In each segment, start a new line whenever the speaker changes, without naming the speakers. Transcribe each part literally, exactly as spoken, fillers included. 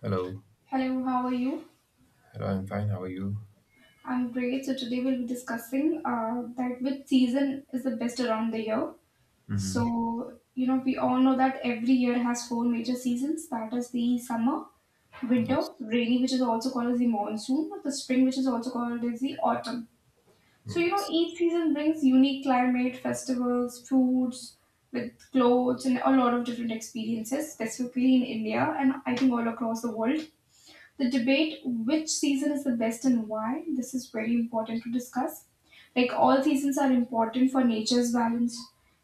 Hello.
Hello, how are you?
Hello, I'm fine. How are you?
I'm great. So today we'll be discussing uh, that which season is the best around the year.
Hmm.
So you know we all know that every year has four major seasons. That is the summer, winter,
Yes.
rainy, which is also called as the monsoon, the spring, which is also called as the autumn. So you know
Yes.
each season brings unique climate, festivals, foods, with clothes and a lot of different experiences, specifically in India and I think all across the world. The debate which season is the best and why, this is very important to discuss. Like all seasons are important for nature's balance.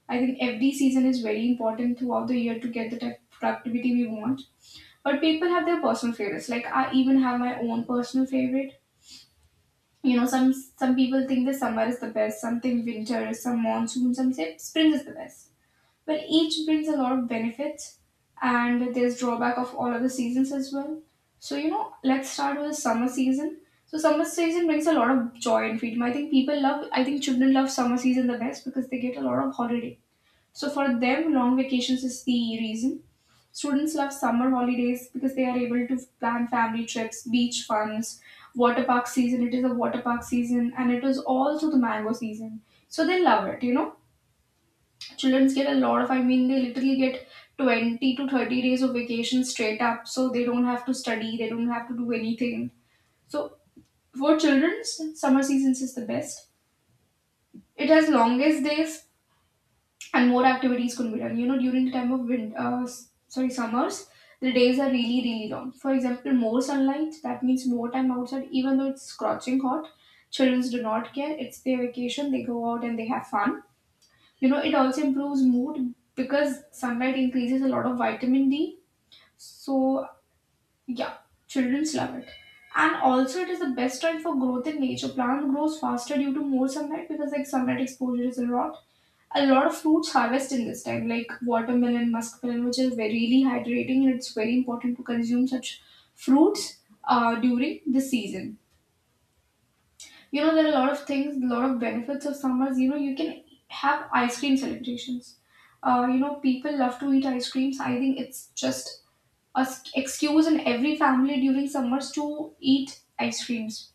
I think every season is very important throughout the year to get the type of productivity we want. But people have their personal favorites. Like I even have my own personal favorite. You know, some some people think the summer is the best, some think winter, some monsoon, some say spring is the best. Well, each brings a lot of benefits, and there's drawback of all other seasons as well. So you know, let's start with summer season. So summer season brings a lot of joy and freedom. I think people love. I think children love summer season the best because they get a lot of holiday. So for them, long vacations is the reason. Students love summer holidays because they are able to plan family trips, beach funs, water park season. It is a water park season, and it is also the mango season. So they love it, you know. Childrens get a lot of, I mean, they literally get twenty to thirty days of vacation straight up, so they don't have to study, they don't have to do anything. So, for childrens, summer seasons is the best. It has longest days and more activities can be done. You know, during the time of wind, uh, s- sorry, summers, the days are really, really long. For example, more sunlight, that means more time outside, even though it's scorching hot. Childrens do not care, it's their vacation, they go out and they have fun. You know, it also improves mood because sunlight increases a lot of vitamin D. So, yeah, childrens love it. And also, it is the best time for growth in nature. Plant grows faster due to more sunlight because, like, sunlight exposure is a lot. A lot of fruits harvest in this time, like watermelon, muskmelon, which is very really hydrating, and it's very important to consume such fruits uh, during the season. You know, there are a lot of things, a lot of benefits of summers. You know, you can have ice cream celebrations. Uh, you know, people love to eat ice creams. I think it's just a s- excuse in every family during summers to eat ice creams.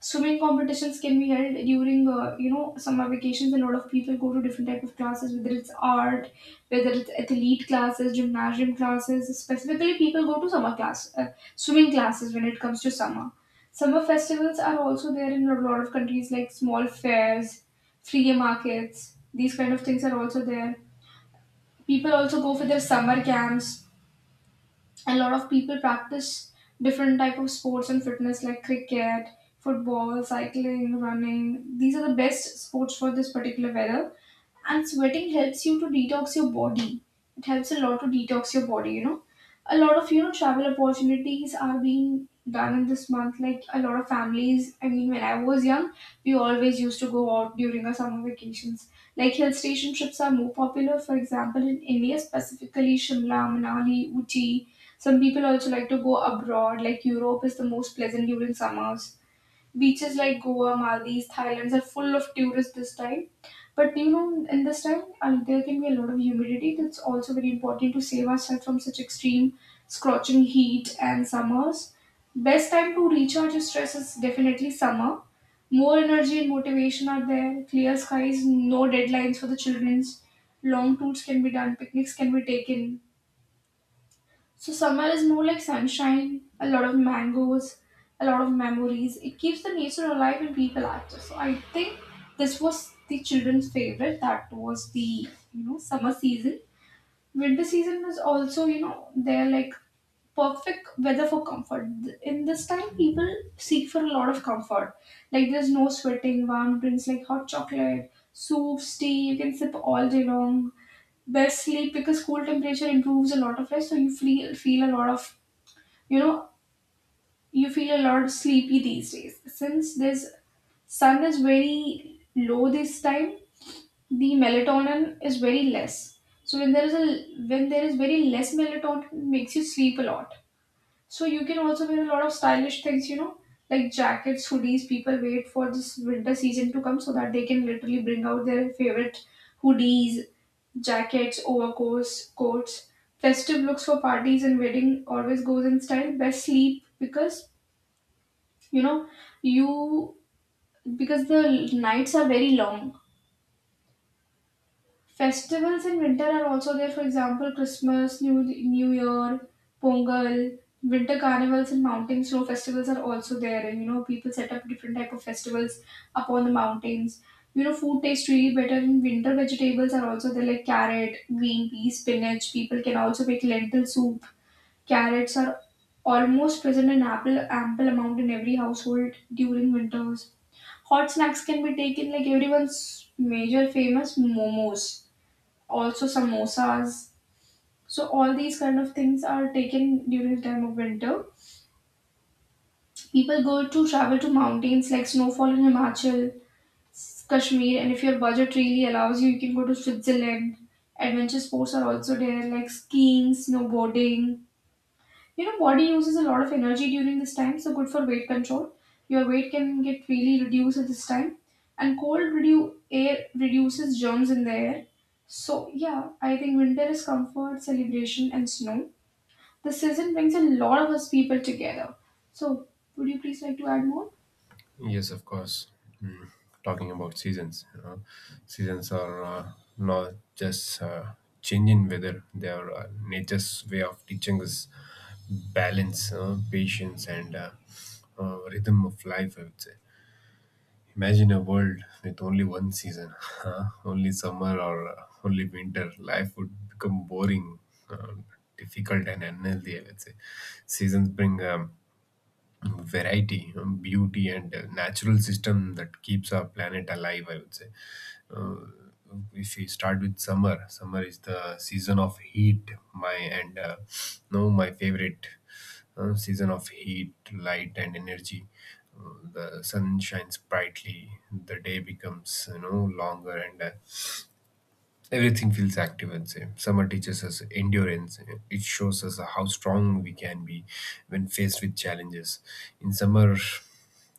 Swimming competitions can be held during, uh, you know, summer vacations. A lot of people go to different type of classes, whether it's art, whether it's athlete classes, gymnasium classes. Specifically, people go to summer class, uh, swimming classes when it comes to summer. Summer festivals are also there in a lot of countries, like small fairs, flea markets. These kind of things are also there. People also go for their summer camps. A lot of people practice different type of sports and fitness like cricket, football, cycling, running. These are the best sports for this particular weather, and sweating helps you to detox your body. It helps a lot to detox your body you know A lot of you know travel opportunities are being done in this month. Like a lot of families, I mean, when I was young, we always used to go out during our summer vacations. Like hill station trips are more popular, for example, in India, specifically Shimla, Manali, Uti. Some people also like to go abroad, like Europe is the most pleasant during summers. Beaches like Goa, Maldives, Thailand are full of tourists this time. But you know, in this time, uh, there can be a lot of humidity. That's also very important to save ourselves from such extreme scorching heat and summers. Best time to recharge your stress is definitely summer. More energy and motivation are there. Clear skies, no deadlines for the childrens. Long tours can be done. Picnics can be taken. So summer is more like sunshine, a lot of mangoes, a lot of memories. It keeps the nature alive and people active. So I think this was the children's favorite. That was the you know summer season. Winter season is also you know they're like perfect weather for comfort. In this time, people seek for a lot of comfort. Like there's no sweating, warm drinks like hot chocolate, soups, tea. You can sip all day long. Best sleep because cool temperature improves a lot of rest, so you feel feel a lot of you know you feel a lot sleepy these days, since this sun is very low this time. The melatonin is very less, so when there is a when there is very less melatonin, it makes you sleep a lot. So you can also wear a lot of stylish things, you know like jackets, hoodies. People wait for this winter season to come so that they can literally bring out their favorite hoodies, jackets, overcoats, coats. Festive looks for parties and wedding always goes in style. Best sleep because you know you because the l- nights are very long. Festivals in winter are also there, for example Christmas, new new year, Pongal, winter carnivals and mountain snow festivals are also there, and you know people set up different type of festivals upon the mountains. You know food tastes really better in winter. Vegetables are also there like carrot, green pea, spinach. People can also make lentil soup. Carrots are almost present in ample ample amount in every household during winters. Hot snacks can be taken like everyone's major famous momos, also samosas. So all these kind of things are taken during the time of winter. People go to travel to mountains like snowfall in Himachal, Kashmir, and if your budget really allows you, you can go to Switzerland. Adventure sports are also there like skiing, snowboarding. You know, body uses a lot of energy during this time, so good for weight control. Your weight can get really reduced at this time. And cold redu- air reduces germs in the air. So, yeah, I think winter is comfort, celebration, and snow. The season brings a lot of us people together. So, would you please like to add more?
Yes, of course. Mm. Talking about seasons, you know, seasons are uh, not just uh, changing weather. They are uh, nature's way of teaching us balance, uh, patience, and uh, uh, rhythm of life, I would say. Imagine a world with only one season, huh? Only summer, or uh, only winter. Life would become boring, uh, difficult, and unhealthy, I would say. Seasons bring um, variety, um, beauty, and a natural system that keeps our planet alive, I would say. uh, if we start with summer, summer is the season of heat, my and uh, no my favorite uh, season of heat, light, and energy. Uh, the sun shines brightly, the day becomes you know longer, and uh, everything feels active and safe. Summer teaches us endurance. It shows us how strong we can be when faced with challenges. In summer,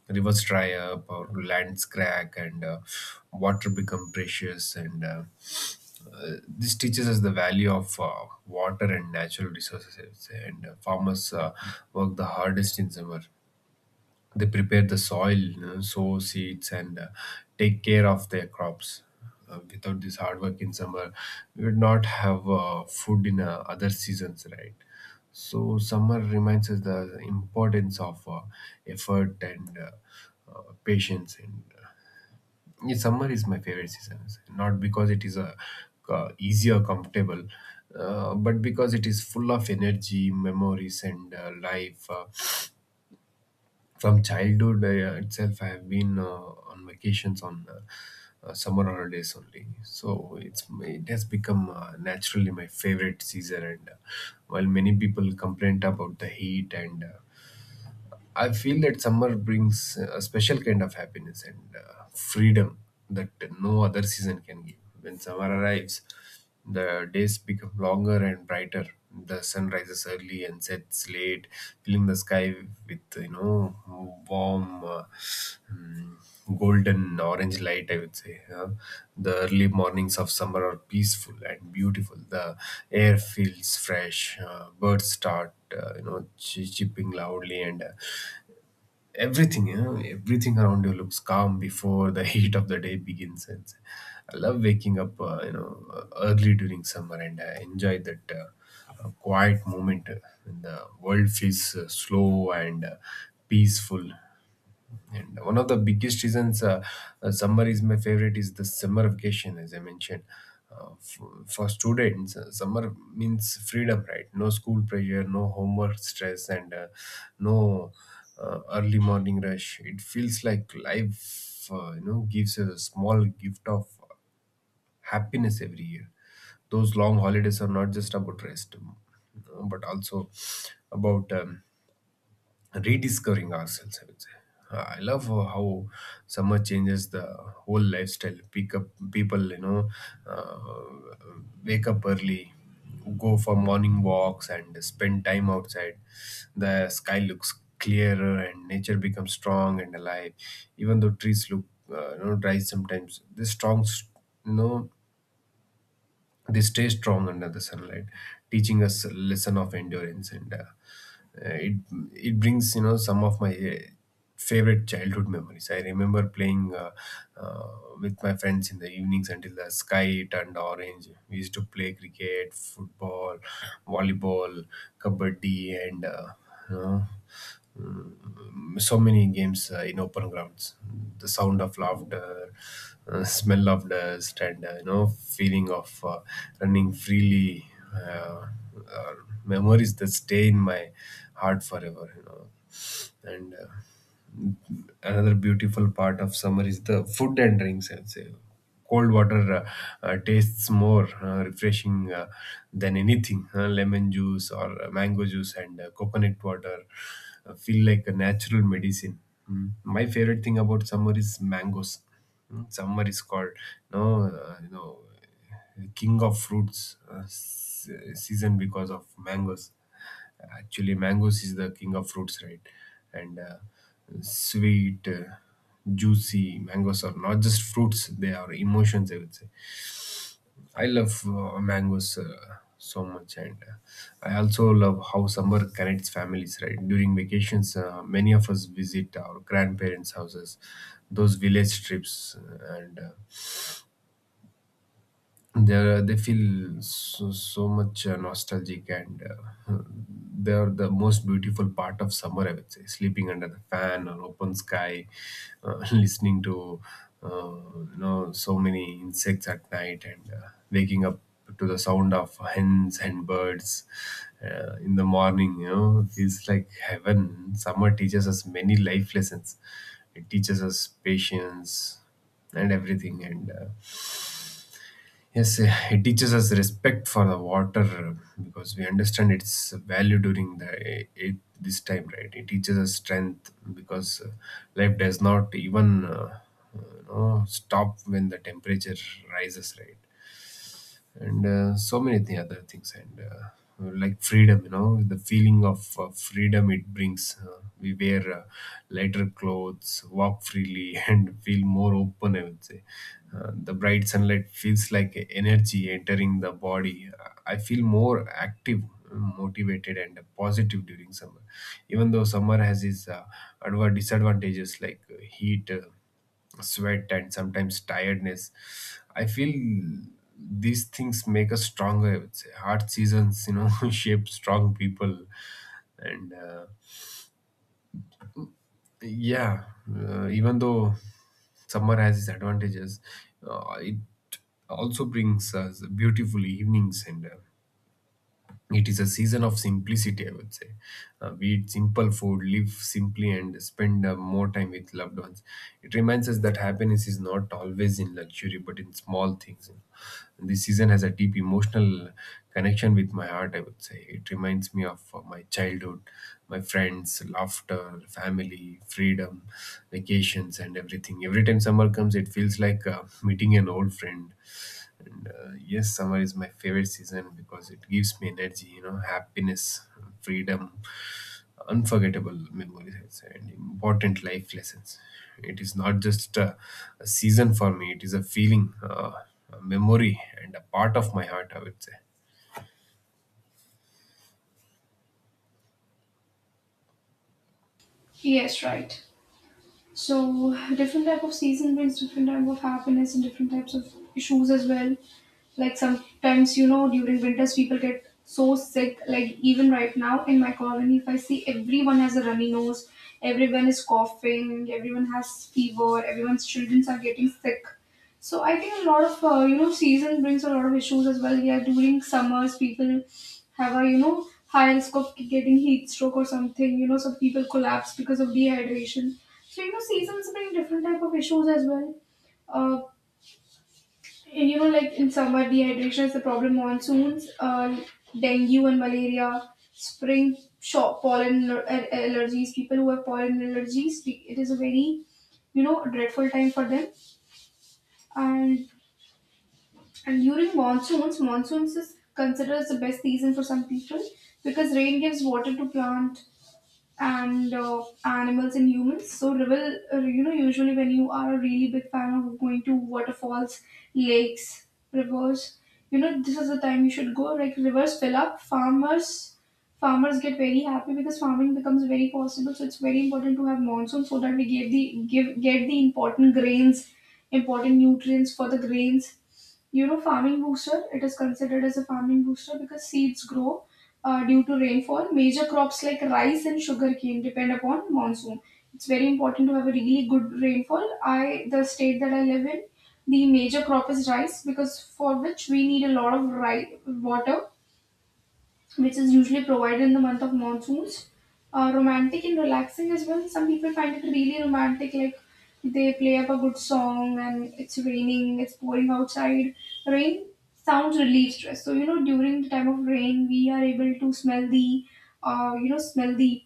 rivers dry up, or lands crack, and uh, water become precious, and uh, uh, this teaches us the value of uh, water and natural resources, I would say. and uh, farmers uh, work the hardest in summer. They prepare the soil, you know, sow seeds, and uh, take care of their crops. Uh, without this hard work in summer, we would not have uh, food in uh, other seasons, right? So summer reminds us the importance of uh, effort and uh, uh, patience. And yeah, summer is my favorite season. Not because it is a uh, easier, comfortable, uh, but because it is full of energy, memories, and uh, life. Uh, from childhood uh, itself, I have been uh, on vacations on uh, uh, summer holidays only. So it's it has become uh, naturally my favorite season. And uh, while many people complain about the heat, and uh, I feel that summer brings a special kind of happiness and uh, freedom that no other season can give. When summer arrives, the days become longer and brighter. The sun rises early and sets late, filling the sky with you know warm, uh, mm, golden orange light, I would say. Huh? The early mornings of summer are peaceful and beautiful. The air feels fresh. Uh, birds start uh, you know ch- chirping loudly, and uh, everything you know everything around you looks calm before the heat of the day begins. And I love waking up uh, you know uh, early during summer, and I enjoy that uh, uh, quiet moment uh, when the world feels uh, slow and uh, peaceful. And one of the biggest reasons uh, uh, summer is my favorite is the summer vacation, as I mentioned. Uh, for, for students, uh, summer means freedom, right? No school pressure, no homework stress, and uh, no uh, early morning rush. It feels like life, uh, you know, gives a small gift of happiness every year. Those long holidays are not just about rest, um, but also about um, rediscovering ourselves, I would say. Uh, I love uh, how summer changes the whole lifestyle. Pick up people, you know, uh, wake up early, go for morning walks, and spend time outside. The sky looks clearer, and nature becomes strong and alive. Even though trees look, uh, you know, dry sometimes, this strong, you know, they stay strong under the sunlight, teaching us a lesson of endurance. And uh, uh, it it brings you know some of my uh, favorite childhood memories. I remember playing uh, uh, with my friends in the evenings until the sky turned orange. We used to play cricket, football, volleyball, kabaddi, and uh, uh, mm, so many games uh, in open grounds. The sound of laughter, uh, smell of dust, and uh, you know feeling of uh, running freely, Uh, are memories that stay in my heart forever. You know, and. Uh, another beautiful part of summer is the food and drinks. And say, cold water uh, uh, tastes more uh, refreshing uh, than anything. Uh, lemon juice, or uh, mango juice, and uh, coconut water uh, feel like a natural medicine. Mm. My favorite thing about summer is mangoes. Mm, summer is called, no uh, you know king of fruits uh, se- season, because of mangoes. Actually, mangoes is the king of fruits, right? And uh, sweet, uh, juicy mangoes are not just fruits; they are emotions, I would say. I love uh, mangoes. Uh, so much. And uh, I also love how summer connects families, right? During vacations, uh, many of us visit our grandparents houses. Those village trips, uh, and uh, they they feel so, so much uh, nostalgic, and uh, they are the most beautiful part of summer, I would say. Sleeping under the fan or open sky, uh, listening to uh, you know so many insects at night, and uh, waking up to the sound of hens and birds uh, in the morning, you know feels like heaven. Summer teaches us many life lessons. It teaches us patience and everything. And uh, yes, uh, it teaches us respect for the water, uh, because we understand its value during the uh, it, this time, right? It teaches us strength, because uh, life does not even uh, uh, you know, stop when the temperature rises, right? And uh, so many th- other things. And uh, like freedom, you know the feeling of uh, freedom it brings. Uh, we wear uh, lighter clothes, walk freely and feel more open, I would say. Uh, the bright sunlight feels like energy entering the body. Uh, I feel more active, motivated, and positive during summer. Even though summer has its uh, adva- disadvantages like uh, heat, uh, sweat, and sometimes tiredness, I feel these things make us stronger, I would say. Hard seasons, you know, shape strong people. And uh, yeah, uh, even though summer has its advantages, uh, it also brings us beautiful evenings. And. Uh, It is a season of simplicity, I would say. Uh, we eat simple food, live simply, and spend uh, more time with loved ones. It reminds us that happiness is not always in luxury, but in small things, you know. This season has a deep emotional connection with my heart, I would say. It reminds me of uh, my childhood, my friends, laughter, family, freedom, vacations, and everything. Every time summer comes, it feels like uh, meeting an old friend. And uh, yes, summer is my favorite season, because it gives me energy, you know, happiness, freedom, unforgettable memories, I'd say, and important life lessons. It is not just a, a season for me, it is a feeling, uh, a memory, and a part of my heart, I would say.
Yes, right. So different type of season brings different type of happiness and different types of issues as well. Like sometimes you know during winters people get so sick. Like even right now in my colony, if I see everyone has a runny nose, everyone is coughing, everyone has fever, everyone's children are getting sick. So I think a lot of uh, you know season brings a lot of issues as well. Yeah, during summers people have a you know high risk of getting heat stroke or something. You know some people collapse because of dehydration. So you know, seasons bring different type of issues as well. Uh, and, you know, like in summer, dehydration is the problem. Monsoons, uh, dengue and malaria. Spring, shop, pollen aller- allergies. People who have pollen allergies, it is a very you know dreadful time for them. And and during monsoons, monsoons is considered as the best season for some people because rain gives water to plant and uh, animals and humans. So river, uh, you know, usually when you are a really big fan of going to waterfalls, lakes, rivers, you know, this is the time you should go. Like rivers fill up, farmers, farmers get very happy because farming becomes very possible. So it's very important to have monsoon so that we get the give get the important grains, important nutrients for the grains. You know farming booster It is considered as a farming booster because seeds grow uh, due to rainfall. Major crops like rice and sugarcane depend upon monsoon. It's very important to have a really good rainfall. I The state that I live in, the major crop is rice, because for which we need a lot of ri- water, which is usually provided in the month of monsoons. Uh, romantic and relaxing as well. Some people find it really romantic, like they play up a good song and it's raining, it's pouring outside. Rain sounds relieve stress. So you know, during the time of rain, we are able to smell the, uh, you know, smell the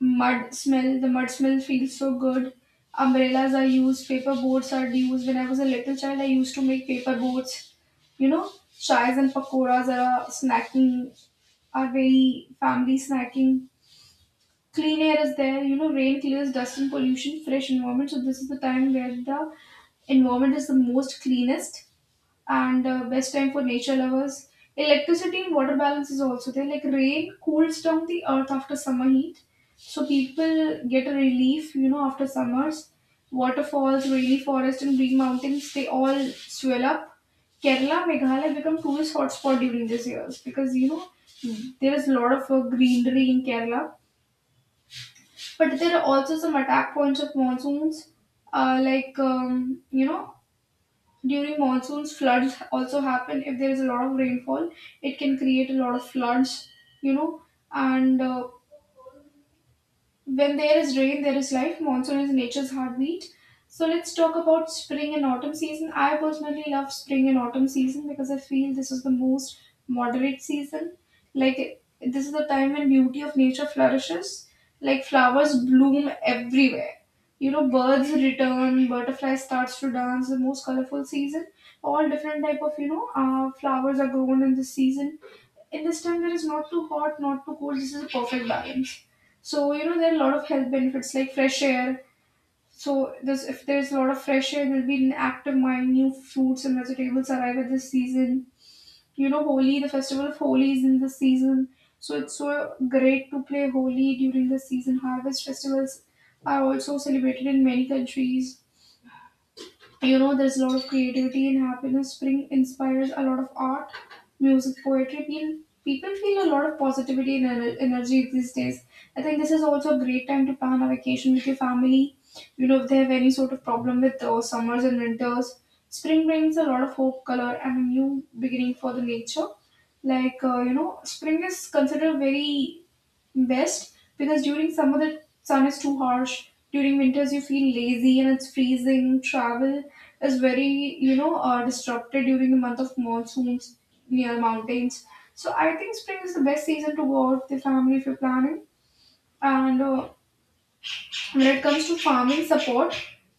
mud smell. The mud smell feels so good. Umbrellas are used. Paper boats are used. When I was a little child, I used to make paper boats you know, Chais and pakoras are a snacking are very family snacking. Clean air is there, you know, rain clears dust and pollution, fresh environment. So this is the time where the environment is the most cleanest and uh, best time for nature lovers. Electricity and water balance is also there. Like rain cools down the earth after summer heat. So people get a relief, you know, after summers. Waterfalls, rainy forest and green mountains, they all swell up. Kerala, Meghalaya become tourist hotspot during these years because you know there is a lot of uh, greenery in Kerala, but there are also some attack points of monsoons. Uh, like um, you know, During monsoons, floods also happen. If there is a lot of rainfall, it can create a lot of floods. You know, and uh, When there is rain, there is life. Monsoon is nature's heartbeat. So let's talk about spring and autumn season. I personally love spring and autumn season because I feel this is the most moderate season. Like this is the time when beauty of nature flourishes. Like flowers bloom everywhere. You know, birds return, butterflies starts to dance. The most colorful season. All different type of you know uh, flowers are grown in this season. In this time there is not too hot not too cold, this is a perfect balance. So you know there are a lot of health benefits like fresh air. So this, if there's a lot of fresh air there'll be an active mind. New fruits and vegetables arrive at this season. You know, holi, the festival of holi is in this season, so it's so great to play holi during the season. Harvest festivals are also celebrated in many countries. You know, there's a lot of creativity and happiness. Spring inspires a lot of art, music, poetry. People, people feel a lot of positivity and ener- energy these days. I think this is also a great time to plan a vacation with your family. You know, if they have any sort of problem with those summers and winters, spring brings a lot of hope, color, and a new beginning for the nature. Like, uh, you know, spring is considered very best because during summer the sun is too harsh, during winters you feel lazy and it's freezing. Travel is very you know uh, disrupted during the month of monsoons near mountains. So I think spring is the best season to go out with the family if you're planning. And uh, when it comes to farming support,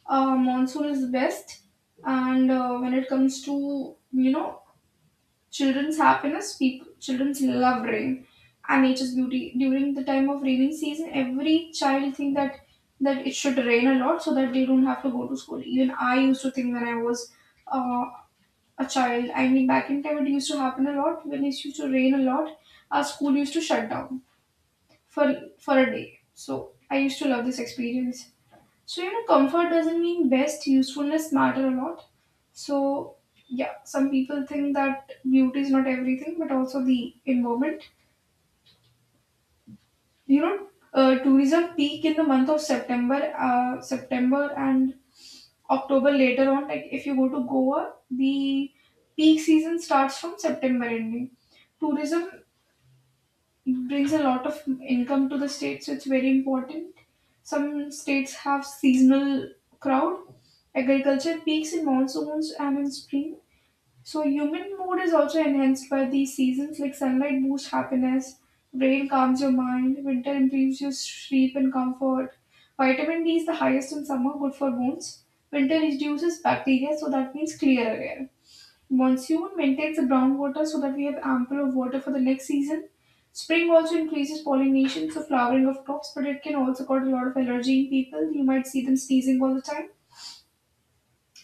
uh, monsoon is the best. And uh, when it comes to you know Children's happiness, people, children's love rain and nature's beauty. During the time of raining season, every child think that that it should rain a lot so that they don't have to go to school. Even I used to think when I was uh, a child. I mean, back in time it used to happen a lot. When it used to rain a lot, our school used to shut down for for a day. So I used to love this experience. So, you know, comfort doesn't mean best, usefulness matter a lot. So, yeah, some people think that beauty is not everything, but also the environment. You know, uh, Tourism peak in the month of September, uh, September and October later on. Like, if you go to Goa, the peak season starts from September ending. Tourism, it brings a lot of income to the state, so it's very important. Some states have seasonal crowd. Agriculture peaks in monsoons and in spring. So human mood is also enhanced by these seasons, like sunlight boosts happiness, rain calms your mind, winter improves your sleep and comfort. Vitamin D is the highest in summer, good for bones. Winter reduces bacteria, so that means clear air. Monsoon maintains the groundwater so that we have ample of water for the next season. Spring also increases pollination, so flowering of crops, but it can also cause a lot of allergy in people. You might see them sneezing all the time.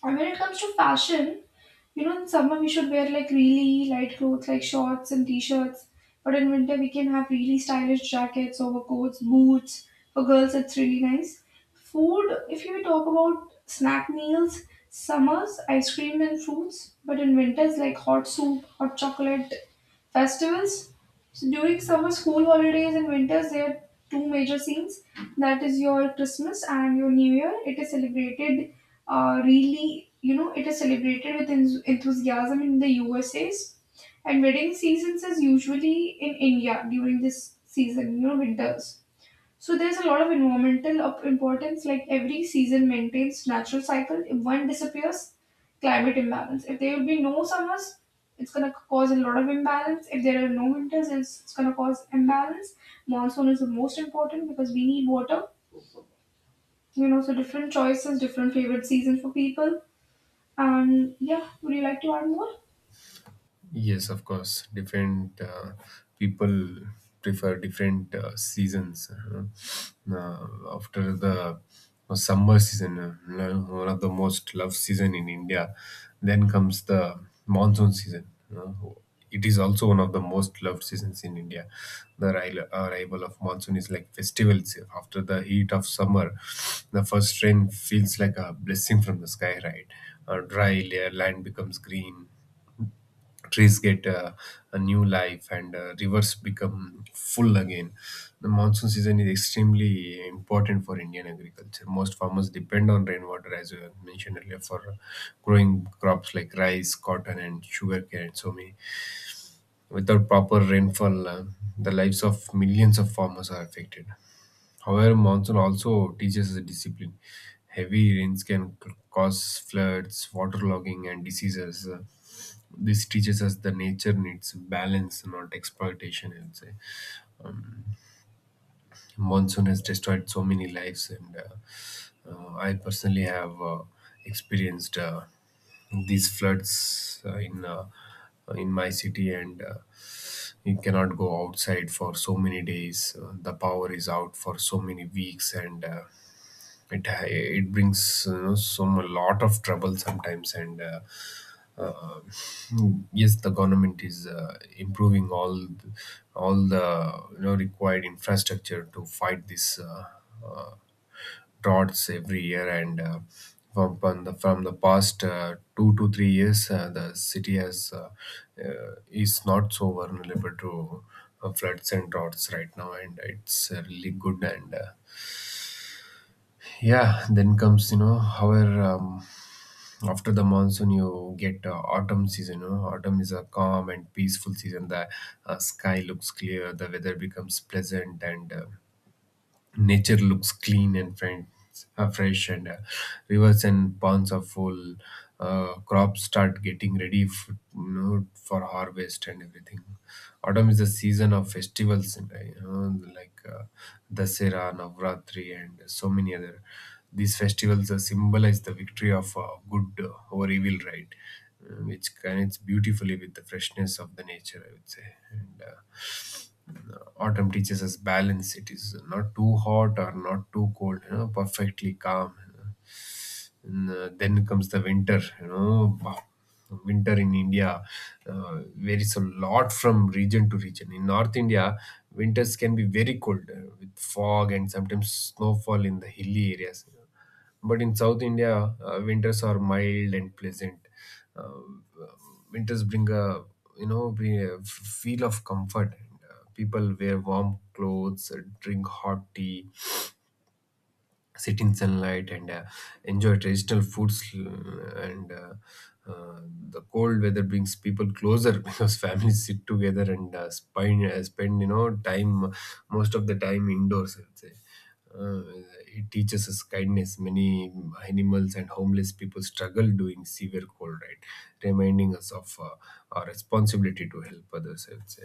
And when it comes to fashion, you know, in summer we should wear like really light clothes like shorts and t-shirts. But in winter we can have really stylish jackets, overcoats, boots. For girls, it's really nice. Food, if you talk about snack meals, summers, ice cream and fruits. But in winters, like hot soup, hot chocolate, festivals. So during summer school holidays and winters, there are two major scenes. That is your Christmas and your New Year. It is celebrated uh, really, you know, it is celebrated with en- enthusiasm in the U S A's. And wedding seasons is usually in India during this season, you know, winters. So there's a lot of environmental of importance. Like every season maintains natural cycle. If one disappears, climate imbalance. If there will be no summers, it's gonna cause a lot of imbalance. If there are no winters, it's, it's gonna cause imbalance. Monsoon is the most important because we need water. You know, so different choices, different favorite season for people, and yeah, would you like to add more?
Yes, of course. Different uh, people prefer different uh, seasons, you know. Uh, after the uh, summer season, uh, lo- one of the most loved season in India, then comes the monsoon season, you know. It is also one of the most loved seasons in India. The arri- arrival of monsoon is like festivals. After the heat of summer, the first rain feels like a blessing from the sky, right? A dry layer land becomes green, trees get uh, a new life, and uh, rivers become full again. The monsoon season is extremely important for Indian agriculture. Most farmers depend on rainwater, as you have mentioned earlier, for growing crops like rice, cotton, and sugarcane, and so many. Without proper rainfall, uh, the lives of millions of farmers are affected. However, monsoon also teaches us discipline. Heavy rains can c- cause floods, waterlogging, and diseases. Uh, this teaches us the nature needs balance, not exploitation, I would say. Monsoon has destroyed so many lives, and uh, uh, I personally have uh, experienced uh, these floods uh, in uh, in my city, and uh, you cannot go outside for so many days. Uh, the power is out for so many weeks, and uh, it ha- it brings, you know, some a lot of trouble sometimes. And uh, uh, yes, the government is uh, improving all the, all the you know required infrastructure to fight this uh, uh, droughts every year. And uh, from, from the from the past uh, two to three years, uh, the city has uh, uh, is not so vulnerable to uh, floods and droughts right now, and it's uh, really good. And uh, yeah, then comes, you know however, um, after the monsoon you get uh, autumn season, you know autumn is a calm and peaceful season. The uh, sky looks clear, the weather becomes pleasant, and uh, nature looks clean and friends, uh, fresh, and uh, rivers and ponds are full. Uh, crops start getting ready f- you know, for harvest, and everything. Autumn is the season of festivals, and uh, you know like uh, dasera, navratri, and so many other. These festivals uh, symbolize the victory of uh, good uh, over evil, right? Uh, which connects beautifully with the freshness of the nature, I would say. And uh, autumn teaches us Balance. It is not too hot or not too cold, you know, perfectly calm. and, uh, then comes the winter, you know, wow. Winter in India uh, varies a lot from region to region. In North India, winters can be very cold, uh, with fog and sometimes snowfall in the hilly areas. But in South India, uh, winters are mild and pleasant. Uh, Winters bring a you know bring a f- feel of comfort. uh, people wear warm clothes, uh, drink hot tea, sit in sunlight, and uh, enjoy traditional foods l- and uh, uh, the cold weather brings people closer because families sit together and, uh, spend, uh, spend, you know time most of the time indoors, I'd say. uh, it teaches us kindness. Many animals and homeless people struggle during severe cold, right? Reminding us of uh, our responsibility to help others, I would say.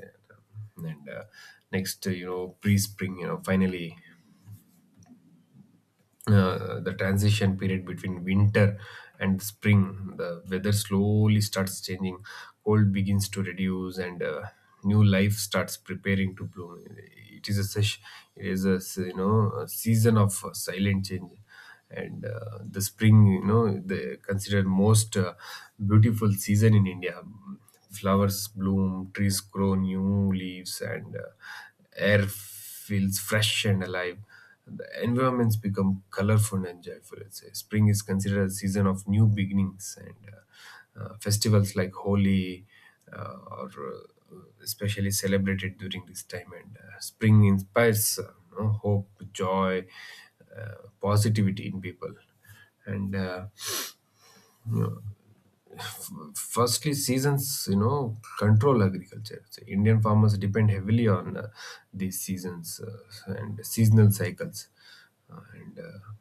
And uh, next, uh, you know, pre spring, you know, finally, uh, the transition period between winter and spring. The weather slowly starts changing, cold begins to reduce, and uh, new life starts preparing to bloom. It is a sesh- it is a, you know a season of uh, silent change. And uh, the spring, you know the considered most uh, beautiful season in India. Flowers bloom, trees grow new leaves, and uh, air feels fresh and alive. The environments become colorful and joyful. Let's say spring is considered a season of new beginnings, and uh, uh, festivals like Holi, uh, or uh, especially celebrated during this time. And uh, spring inspires, uh, you know, hope, joy, uh, positivity in people. And uh, you know, Firstly, seasons, you know control agriculture. So Indian farmers depend heavily on, uh, these seasons uh, and seasonal cycles. Uh, and uh,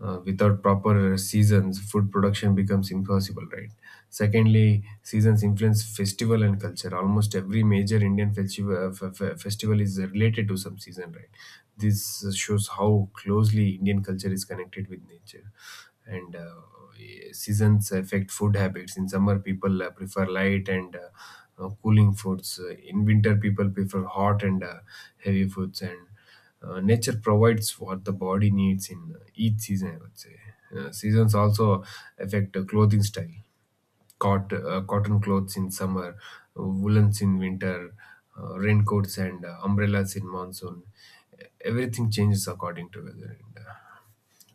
uh, Without proper seasons, food production becomes impossible, right? Secondly, seasons influence festival and culture. Almost every major Indian festival, festival is related to some season, right? This shows how closely Indian culture is connected with nature. And uh, Seasons affect food habits. In summer, people uh, prefer light and uh, uh, cooling foods. Uh, in winter, people prefer hot and uh, heavy foods. And uh, Nature provides what the body needs in each season, I would say. Uh, seasons also affect the clothing style. Cot, uh, cotton clothes in summer, woolens in winter, uh, raincoats and uh, umbrellas in monsoon. Everything changes according to weather. And, uh,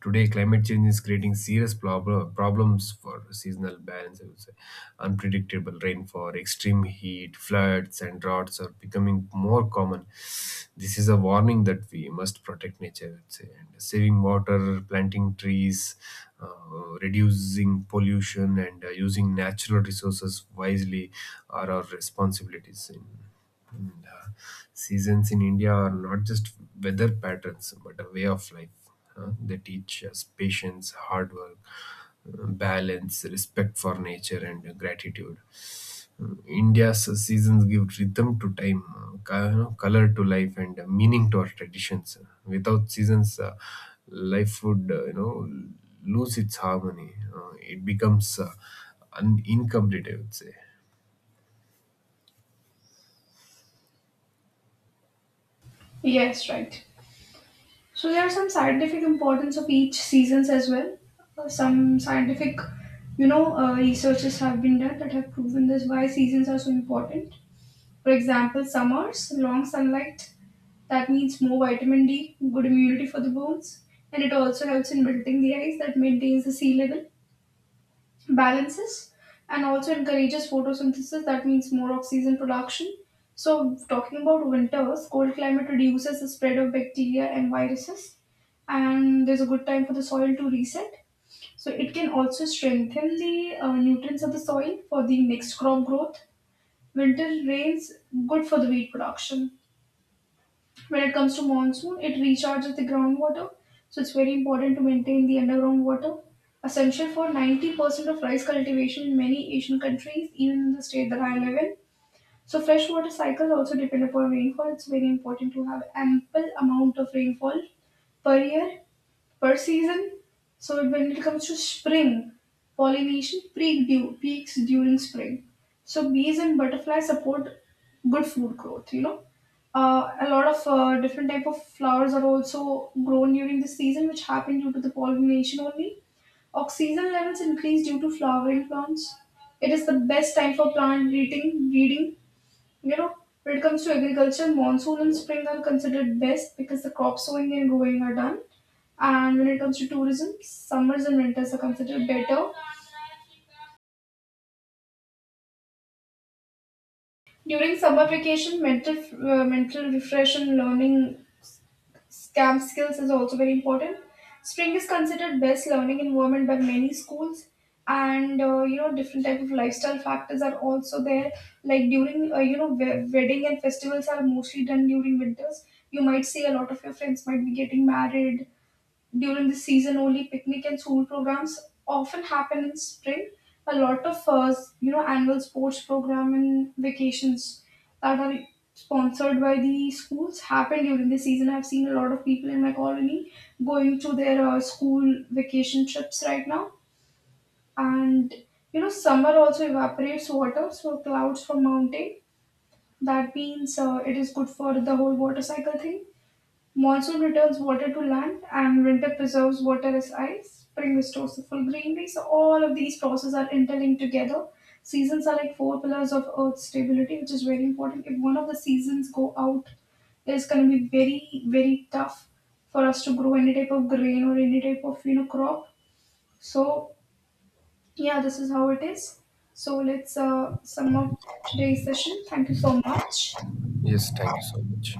Today, climate change is creating serious prob- problems for seasonal balance, I would say. Unpredictable rainfall, extreme heat, floods, and droughts are becoming more common. This is a warning that we must protect nature, I would say. And saving water, planting trees, uh, reducing pollution, and uh, using natural resources wisely are our responsibilities in and, uh, seasons in India are not just weather patterns, but a way of life. Uh, they teach us patience, hard work, uh, balance, respect for nature, and uh, gratitude. India's seasons give rhythm to time, uh, co- you know, color to life, and uh, meaning to our traditions. Without seasons, uh, life would, uh, you know lose its harmony. Uh, it becomes, uh, un- incomplete, I would say.
Yes, right. So there are some scientific importance of each seasons as well. Uh, some scientific, you know, uh, researches have been done that have proven this why seasons are so important. For example, summers, long sunlight, that means more vitamin D, good immunity for the bones, and it also helps in building the ice that maintains the sea level. Balances and also encourages photosynthesis, that means more oxygen production. So talking about winters, cold climate reduces the spread of bacteria and viruses, and there's a good time for the soil to reset. So it can also strengthen the uh, nutrients of the soil for the next crop growth. Winter rains good for the wheat production. When it comes to monsoon, it recharges the groundwater, so it's very important to maintain the underground water. Essential for ninety percent of rice cultivation in many Asian countries, even in the state that I live in. So freshwater cycles also depend upon rainfall. It's very important to have ample amount of rainfall per year per season. So when it comes to spring pollination, peak du- peaks during spring. So bees and butterflies support good food growth. You know, uh, a lot of uh, different type of flowers are also grown during this season, which happen due to the pollination only. Oxygen levels increase due to flowering plants. It is the best time for plant breeding. breeding. You know, when it comes to agriculture, monsoon and spring are considered best because the crop sowing and growing are done. And when it comes to tourism, summers and winters are considered better. During summer vacation, mental uh, mental refresh and learning camp skills is also very important. Spring is considered best learning environment by many schools, and uh, you know different type of lifestyle factors are also there. Like during uh, you know we- wedding and festivals are mostly done during winters. You might see a lot of your friends might be getting married, during the season only. Picnic and school programs often happen in spring. A lot of uh, you know annual sports program and vacations that are sponsored by the schools happen during the season. I've seen a lot of people in my colony going to their uh, school vacation trips right now. And you know summer also evaporates water, so clouds from mountain, that means uh, it is good for the whole water cycle thing. Monsoon returns water to land, and winter preserves water as ice. Spring restores the full greenery. So all of these processes are interlinked together. Seasons are like four pillars of Earth's stability, which is very important. If one of the seasons go out, it's going to be very very tough for us to grow any type of grain or any type of you know crop. So yeah, this is how it is. So let's uh, sum up today's session. Thank you so much.
Yes, thank you so much.